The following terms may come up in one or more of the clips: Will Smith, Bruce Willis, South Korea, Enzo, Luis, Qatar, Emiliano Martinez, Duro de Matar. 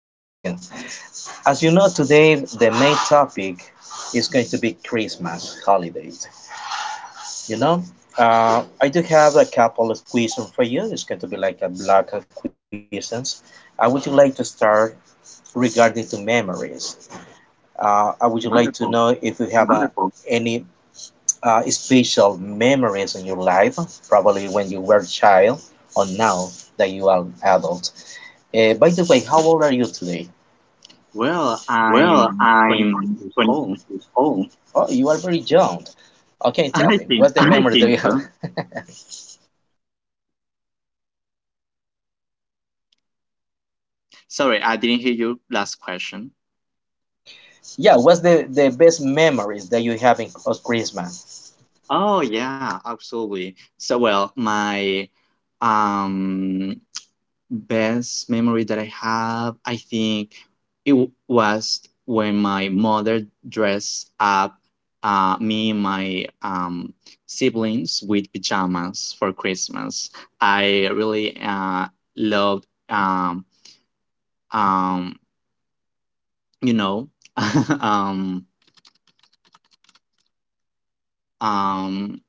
you for asking. As you know, today the main topic is going to be Christmas holidays. You know, I do have a couple of questions for you. It's going to be like a block of questions. I would you like to start regarding to memories. I would you like to know Wonderful. if you have Wonderful. Any special memories in your life, probably when you were a child or now that you are adult. By the way, how old are you today? Well, Well, I'm 26 I'm years old. 26 years old. Oh, you are very young. Okay, tell I me, what's think the I so. memory that think you so. Sorry, I didn't hear your last question. Yeah, what's the best memories that you have in, of Christmas? Oh, yeah, absolutely. My um best memory that I have, I think it was when my mother dressed up me and my siblings with pajamas for Christmas. I really loved, um, you know, um, um,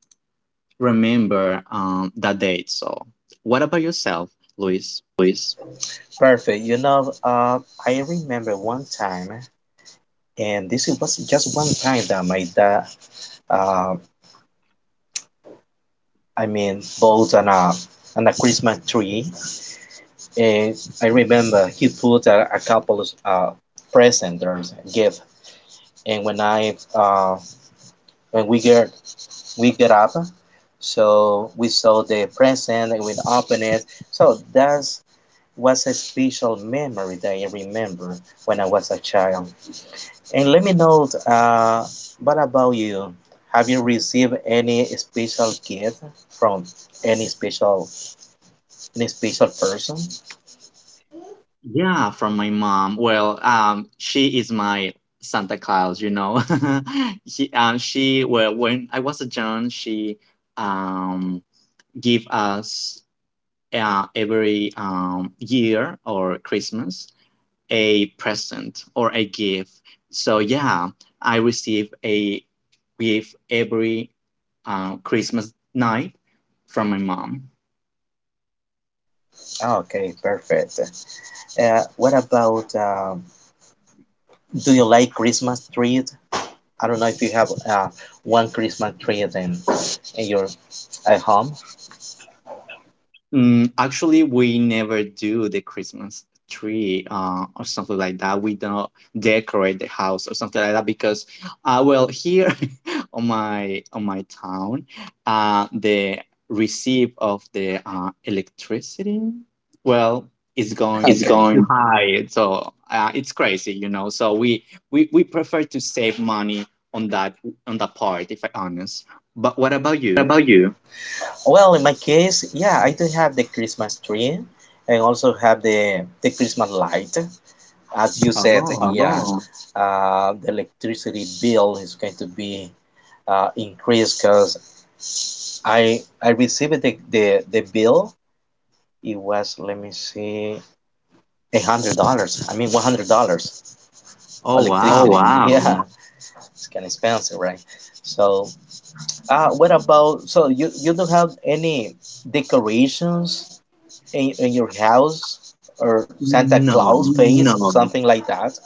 remember that date. So, what about yourself, Luis? Luis. Perfect. I remember one time, and this was just one time that my dad, uh, I mean, bought an a Christmas tree, and I remember he put a couple of presents, gifts, and when we get up, so we saw the present and we open it. So that was a special memory that I remember when I was a child. And let me know, what about you? Have you received any special gift from any special any special person? Yeah, from my mom. Well, she is my Santa Claus. Well, when I was a young, she um give us every year or Christmas a present or a gift. So yeah, I receive a gift every Christmas night from my mom. Okay, perfect. What about do you like Christmas trees? I don't know if you have one Christmas tree in your at home. Mm, actually, we never do the Christmas tree or something like that. We don't decorate the house or something like that because, well, here on my town, the receipt of the electricity, well, is going Is it's too going. high. So it's crazy, you know. So we prefer to save money on that part, if I honest. But what about What you? about you? Well, in my case, yeah, I do have the Christmas tree and also have the Christmas light. As you said, Oh, yeah, Oh, the electricity bill is going to be increased because I received the bill. It was, let me see, $100. I mean, $100 oh oh electricity. wow. Wow. Yeah, it's kind of expensive, right? So what about, so you don't have any decorations in your house or Santa No, Claus face, no, something like that?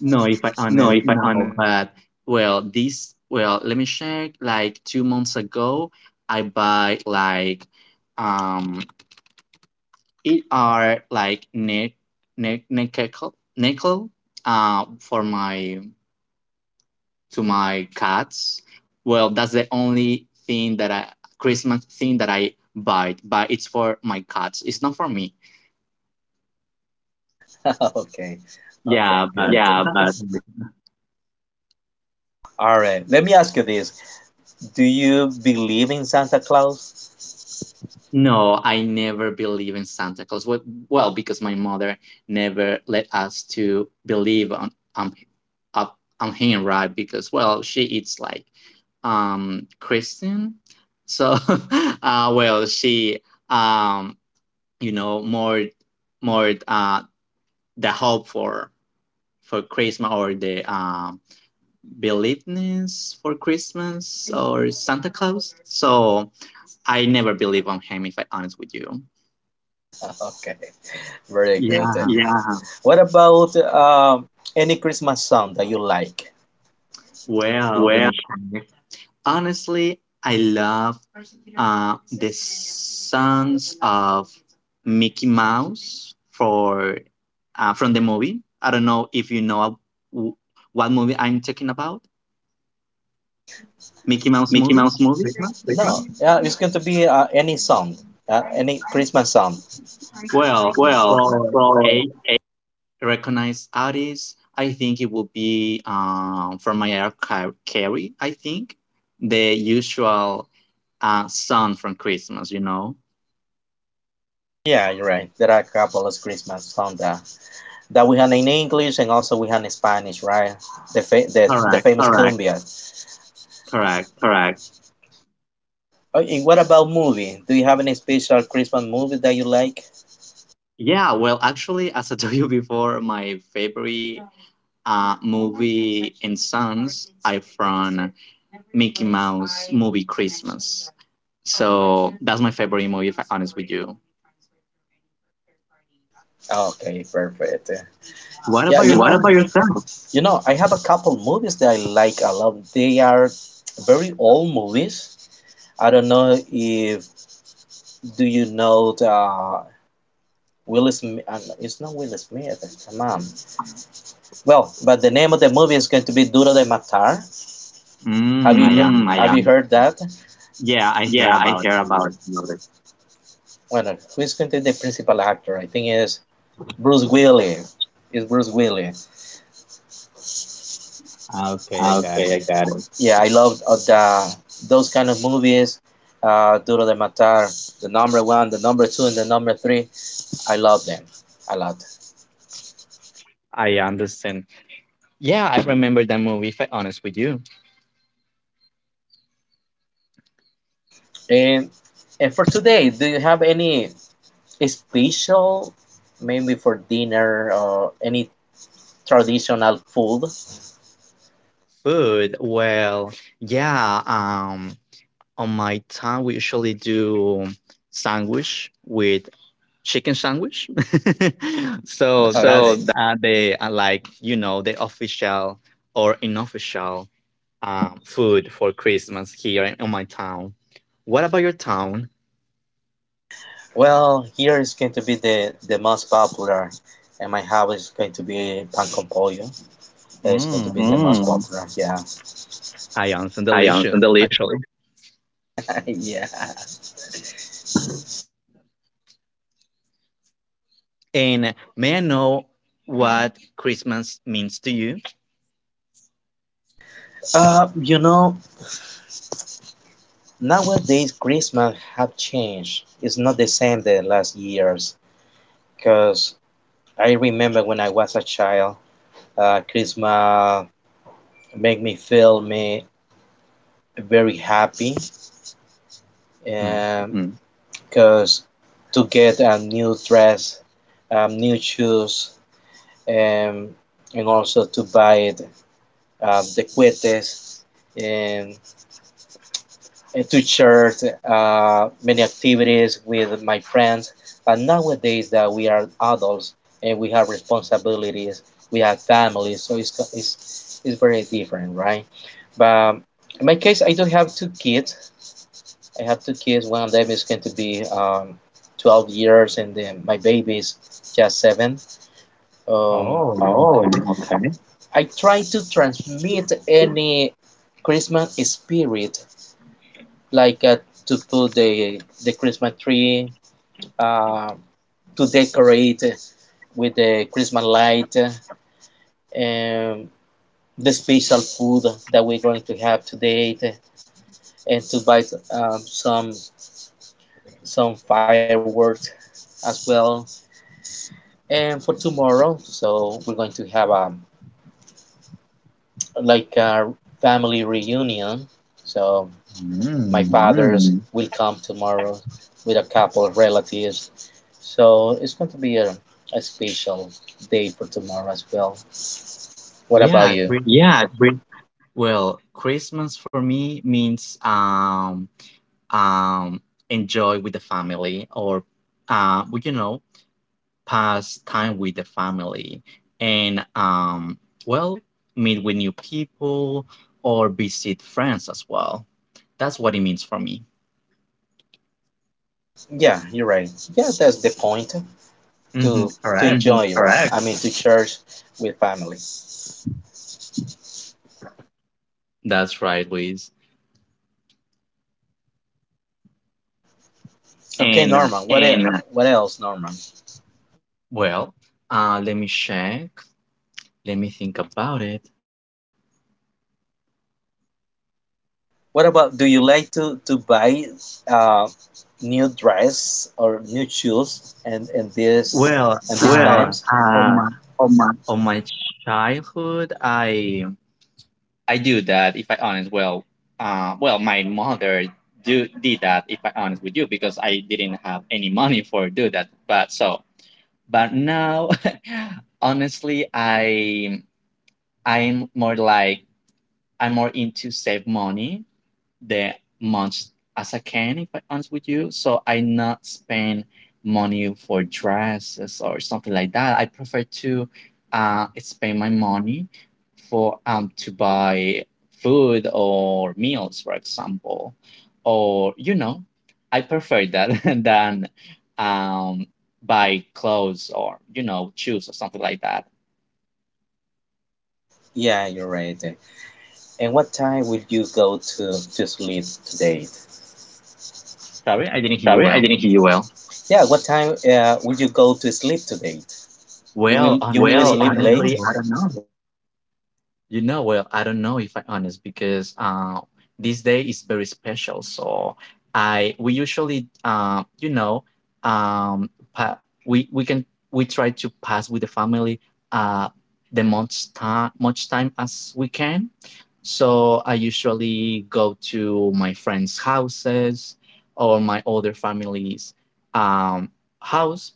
no, if I No, honest, if I, no, but well, this, well, let me check. Like 2 months ago, I buy like, um, it are like neck, neck, neck nickel necklace, for to my cats. Well, that's the only thing that Christmas thing that I buy, but it's for my cats. It's not for me. okay, okay, Yeah, good. Good. but Yeah, that's the but thing. all right, let me ask you this. Do you believe in Santa Claus? No, I never believe in Santa Claus. Well, because my mother never let us to believe on up on him, right? Because well, she is like Christian, so well, she um you know more more the hope for Christmas or the believeness for Christmas or Santa Claus. So I never believe on him, if I honest with you. Okay, very good. Yeah. Yeah, what about any Christmas song that you like? Well, let Well, me check. Honestly, I love the songs of Mickey Mouse for from the movie. I don't know if you know w- what movie I'm talking about. Mickey Mouse Mickey movie. Mouse movie, Christmas? like that. No, yeah, it's going to be any song, any Christmas song. Well, Well, for so a recognized artist, I think it would be from my Carey. I think the usual song from Christmas. You know. yeah, you're right. There are a couple of Christmas songs that we have in English and also we have in Spanish, right? The Correct. famous correct, cumbia. Correct. All right. Okay, what about movie? Do you have any special Christmas movie that you like? Yeah, well, actually, as I told you before, my favorite movie and songs are from Mickey Mouse movie Christmas. So that's my favorite movie, if I'm honest with you. Oh, okay, perfect. What about Yeah, you What know, about yourself? yourself? I have a couple movies that I like a lot. They are very old movies. I don't know if do you know the Will Smith? It's not Will Smith. Come on. Well, but the name of the movie is going to be Duro de Matar. Have Mm, you I am. Mm, heard, have you heard that? Yeah, I hear Yeah, I about it. hear Love about it. it. Lourdes. Well, who is going to be the principal actor? I think it is Bruce Willis. Is Bruce Willis? Okay, I got Okay, I it. got it. Yeah, I love the those kind of movies. Duro de Matar, the number one, the number two, and the number three. I love them a lot. I understand. Yeah, I remember that movie, if I'm honest with you. And and for today, do you have any special, maybe for dinner or any traditional food? Food, well, yeah. On my town we usually do sandwich with chicken sandwich so So, that's okay. The like you know the official or unofficial food for Christmas here in my town. What about your town? Well, here is going to be the most popular, and my house is going to be pan con pollo. That is going to be Mm. the most popular. Yeah, I am so Ions delicious and delicious. actually. Yeah. And may I know what Christmas means to you? Uh, you know, Nowadays Christmas have changed. It's not the same the last years. Cause I remember when I was a child, Christmas make me feel me very happy. Mhm. Um, because to get a new dress, new shoes, um, and also to buy the cohetes, um, and to share many activities with my friends. But nowadays that we are adults and we have responsibilities, we have families, so it's very different, right? But in my case, I don't have two kids, I have two kids. One of them is going to be 12 years, and then my baby is just seven. Oh, Oh, okay. okay. I try to transmit any Christmas spirit, like to put the Christmas tree, uh, to decorate with the Christmas light, and the special food that we're going to have today, and to buy um, some some fireworks as well. And for tomorrow, so we're going to have a like a family reunion. So my Mm. fathers will come tomorrow with a couple of relatives. So it's going to be a special day for tomorrow as well. What Yeah. about you? Yeah, I agree. Well, Christmas for me means um, enjoy with the family or, well, you know, pass time with the family and, well, meet with new people or visit friends as well. That's what it means for me. Yeah, you're right. Yeah, that's the point to Hmm, Mhm, correct. enjoy, Mhm, right? Correct. I mean, to church with family. That's right, Luis. Okay, And, Norman. What el And What else, Norman? well, let me check. Let me think about it. What about do you like to buy uh, new dress or new shoes and this Well, and these, well, times? on my On my on my childhood, I do that. If I honest, well, well, my mother do did that. If I honest with you, because I didn't have any money for do that. But now, honestly, I'm more like I'm more into save money the much as I can, if I'm honest with you. So I not spend money for dresses or something like that. I prefer to spend my money for to buy food or meals, for example, or you know, I prefer that than um buy clothes or you know shoes or something like that. yeah, you're right. And what time will you go to sleep today? Sorry, I didn't hear you Sorry, I well. didn't hear you well. Yeah, what time will you go to sleep today? You Well, will you will well, honestly, sleep I late? don't Honestly, know. I don't know. You know, well, I don't know if I'm honest because this day is very special. So I we usually, you know, um, pa- we can we try to pass with the family uh, the much time as we can. So I usually go to my friends' houses or my other family's um, house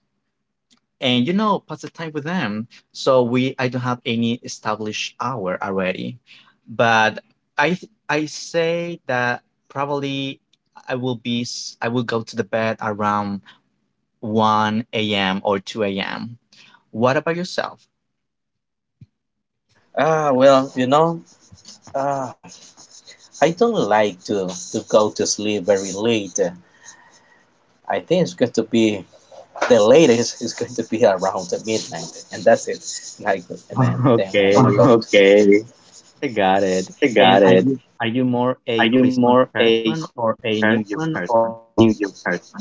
and you know pass the time with them. So we I don't have any established hour already, but I say that probably I will be I will go to the bed around 1 a.m. or 2 a.m. What about yourself? Well, ah, I don't like to go to sleep very late. I think it's going to be the latest is going to be around midnight, and that's it. And I and then, then I gotta go. Okay, Okay, I got it. I And got it. Are you more a Are you more Christmas a person Christmas or a New Year person or person? a New Year person?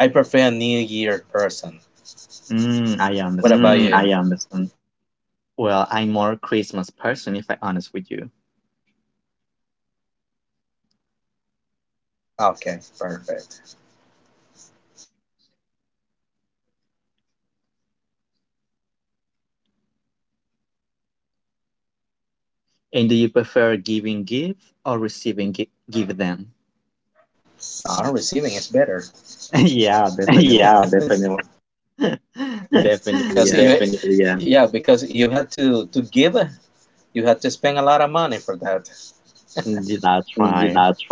I prefer a New Year person. Mm, I What understand. about you? I understand. Well, I'm more Christmas person if I honest with you. Okay, perfect. And do you prefer giving gift or receiving give them? No, receiving is better. Yeah, definitely. Yeah, definitely. Definitely, Because yeah. definitely, you, yeah. Yeah, because you had to give, you had to spend a lot of money for that. Mm, that's Mm, right. that's.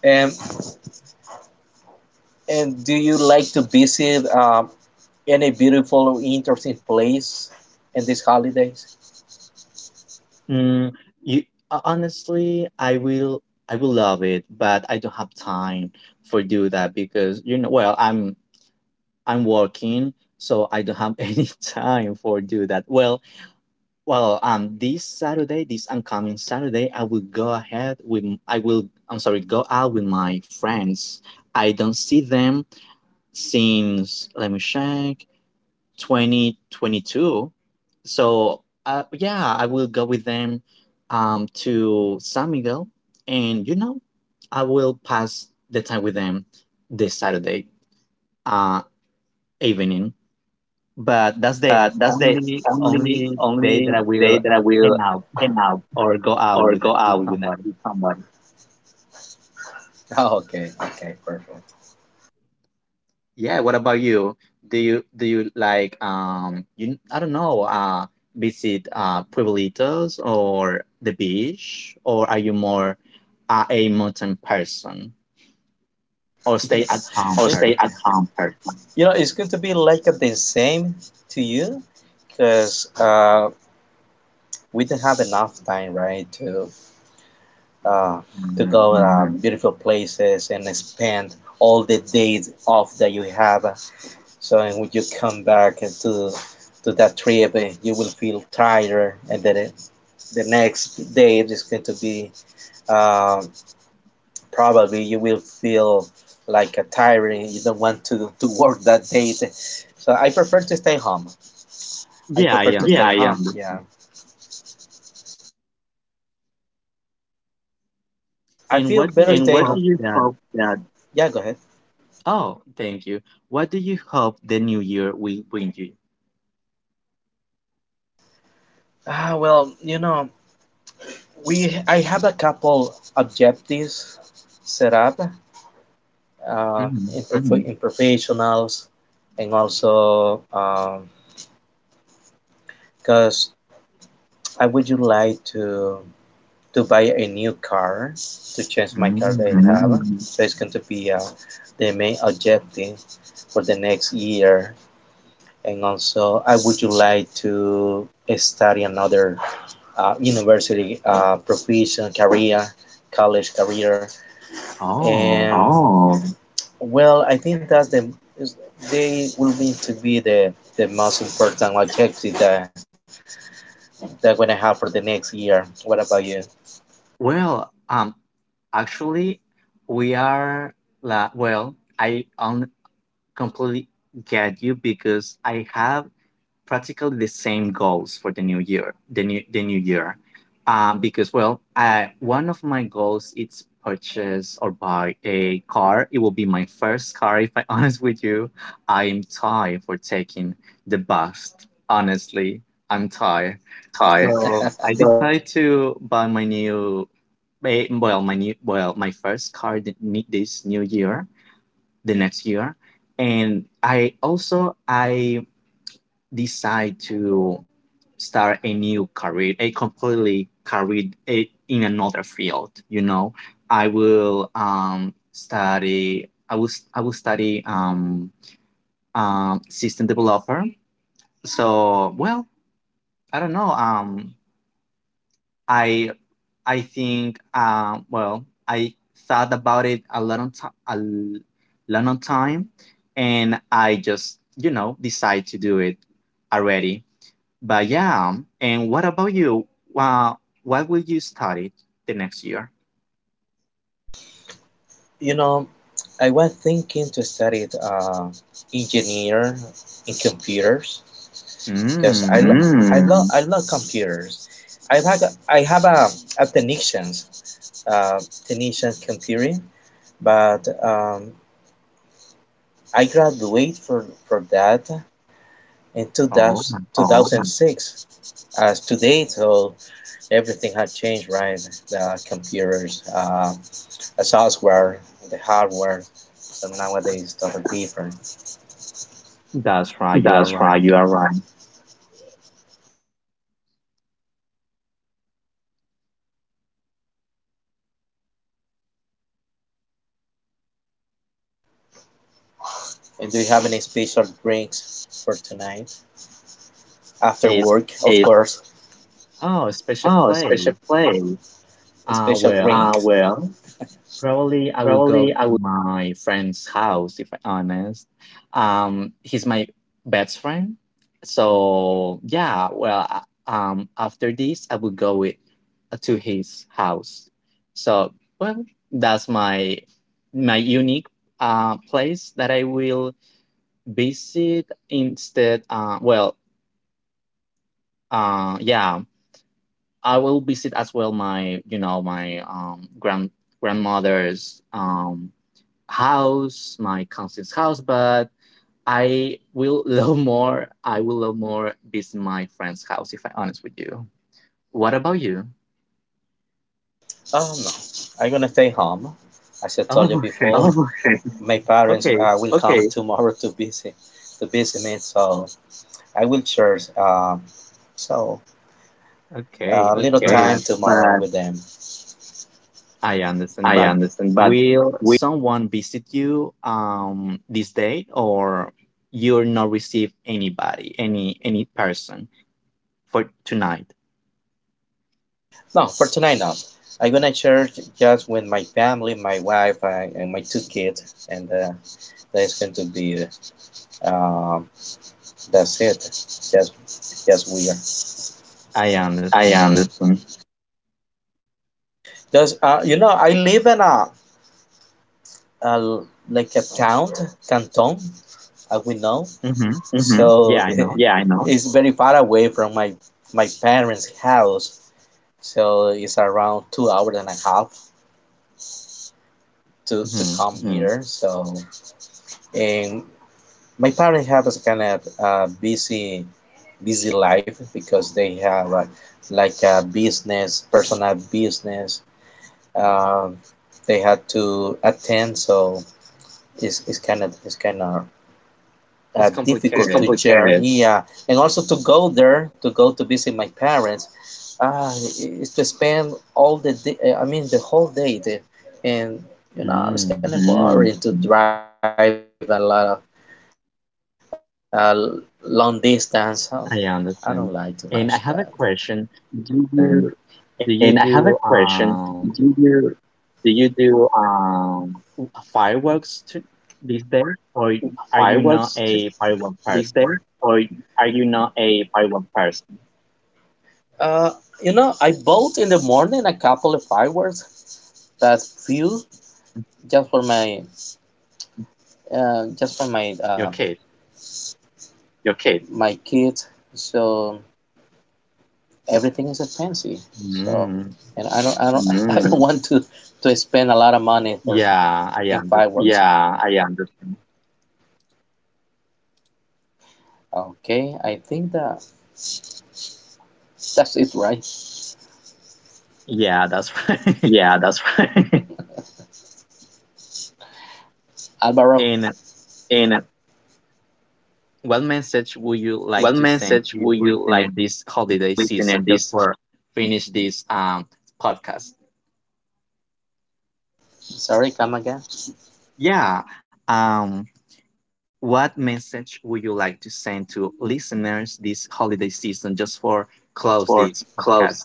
And and do you like to visit any beautiful, interesting place in these holidays? Mm, you honestly, I will love it, but I don't have time for do that because you know, well, I'm working, so I don't have any time for do that. Well, this Saturday, this upcoming Saturday, I will, I'm sorry, go out with my friends. I don't see them since let me check 2022, so yeah, I will go with them to San Miguel and you know I will pass the time with them this Saturday uh, evening. But that's the But that's the only only day that only I day will that I hang will out hang out or go out or go with out with, somebody. with someone. Oh, okay, okay, perfect. Yeah, what about you? Do you like you I don't know visit pueblitos or the beach, or are you more a mountain person or You know, stay at or home stay at person? home. Person. It's going to be like the same to you, because we didn't have enough time, right, uh, to Mm. go beautiful places and spend all the days off that you have. So and when you come back to that trip, you will feel tired, and then the next day it is going to be um, probably you will feel like a tiring. You don't want to work that day. Eh. So I prefer to stay home. I Yeah, I prefer to, yeah, stay I home. am. Yeah, understand. I And feel what do better you And staying. What do hope you that? hope that? Yeah, go ahead. Oh, thank you. What do you hope the new year will bring you? Well, we I have a couple objectives set up, Mhm. In professionals and also because I would you like to buy a new car to change my car that I Mm. have. Mm-hmm. So it's going to be the main objective for the next year. And also, I would you like to study another university profession career, college career. Oh, And Oh, well, I think that's the is- they will need to be the most important objective that I'm gonna have for the next year. What about you? well, actually, we are la well. I on completely get you because I have practically the same goals for the new year. The new year, because well, I, one of my goals is purchase or buy a car. It will be my first car. If I honest with you, I am tired for taking the bus. Honestly, I'm tired. And So I decided to buy my new, eh, well, my new, well, my first car this new year the next year. And I also I decide to start a new career a completely career a, in another field you know. I will study, I will I will study system developer. So well, I don't know I think well I thought about it a lot on time a lot on time, and I just you know decide to do it already. But yeah, and what about you? Uh, what will you study the next year? You know, I was thinking to study engineer in computers because I lo- Mm. I love I love computers. I've had I have a technician's uh, technician computing, but I graduate for that, in Oh, 2000, 2006 as to date, so everything had changed, right? The computers, the software, the hardware, so nowadays it's totally different. that's right. You are That's right. right. You are right. And do you have any special drinks for tonight after It's work of It, course oh special oh, play. special play. Special Well, drinks well, probably I would go probably I to my friend's house, if I'm honest. He's my best friend. So yeah, well, after this, I would go with to his house. So well, that's my unique place that I will visit instead. Well, yeah, I will visit as well my you know my grandmother's house, my cousin's house, but I will love more. I will love more this my friend's house if I honest with you. What about you? Oh no, I'm gonna stay home. As I Oh, told you okay, before, oh, okay, my parents okay, will okay. Come tomorrow to visit me, so I will share so a okay. okay. Little okay. Time But tomorrow with them. I understand. I But understand, but will someone visit you this day, or you're not receive anybody, any person for tonight? no, for tonight no. I'm gonna share just with my family, my wife, and my two kids, and that's going to be um, that's it. Just just weird. I I understand. understand. Just I live in a uh, like a town, Canton, as we know. Mm-hmm. Mhm. Yeah, I So know. yeah, I know. It's very far away from my parents' house. So it's around 2 hours and a half to, Mm-hmm. to come here. So and my parents have a kind of busy life because they have like a business, personal business. Um, they had to attend, so it's kind of It's difficult complicated. to share. Yeah, and also to go there, to go to visit my parents, is to spend all the day, I mean the whole day there, and Mm. you know it's kind of boring to drive a lot of uh, long distance. Oh, I I understand. don't like too And I much have a that. question. Do And, and you I have a do question. Do you do fireworks to these days, or are you not fireworks a firework these days, person? or are you not a firework person? Uh, I bought in the morning a couple of fireworks. That few, just for my, just for my Your kid. Your kid. My kids. So everything is expensive. So, Mm, and I don't, I don't want to spend a lot of money for yeah, in I fireworks. understand. Yeah, I understand. Okay, I think that that's it, right, Yeah, that's right. yeah, that's right. Alvaro? And And what message would you like what to send message to your would you listener like this holiday to leave season, in just this for finish this podcast? Sorry, come again? Yeah. Um, what message would you like to send to listeners this holiday season just for close For this club. podcast?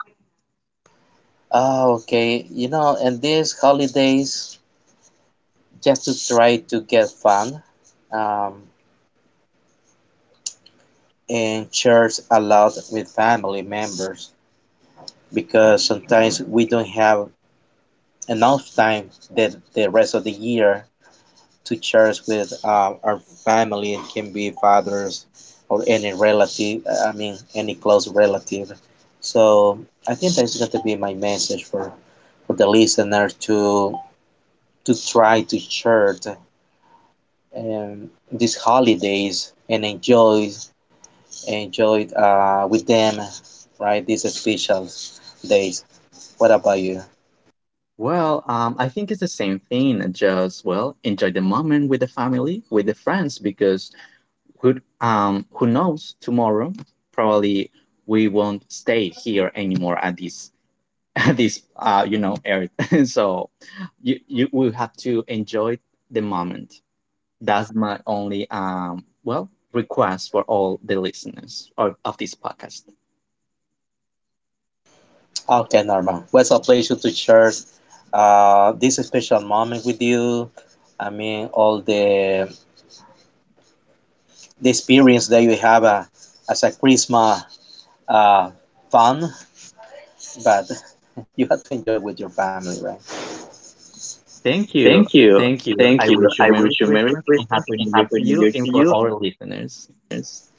Okay. And these holidays, just to try to get fun, um, and church a lot with family members because sometimes we don't have enough time that the rest of the year to church with our family. It can be fathers or any relative. I mean, any close relative. So I think that's going to be my message for the listeners to try to share these holidays and enjoy it, with them, right? These special days. What about you? Well, I think it's the same thing. Just well, enjoy the moment with the family, with the friends, because who knows tomorrow? Probably we won't stay here anymore at this at this you know earth. So you will have to enjoy the moment. That's my only well request for all the listeners of this podcast. Okay, Norman. Well, it's a pleasure to share this special moment with you. I mean, all the experience that you have as a Christmas uh, fun, but you have to enjoy with your family, right? Thank you. Thank Thank you. you. I wish you Thank you. Merry I wish Christmas you and Merry Happy New Christmas Year and to you Happy New and Year for to our you listeners. listeners.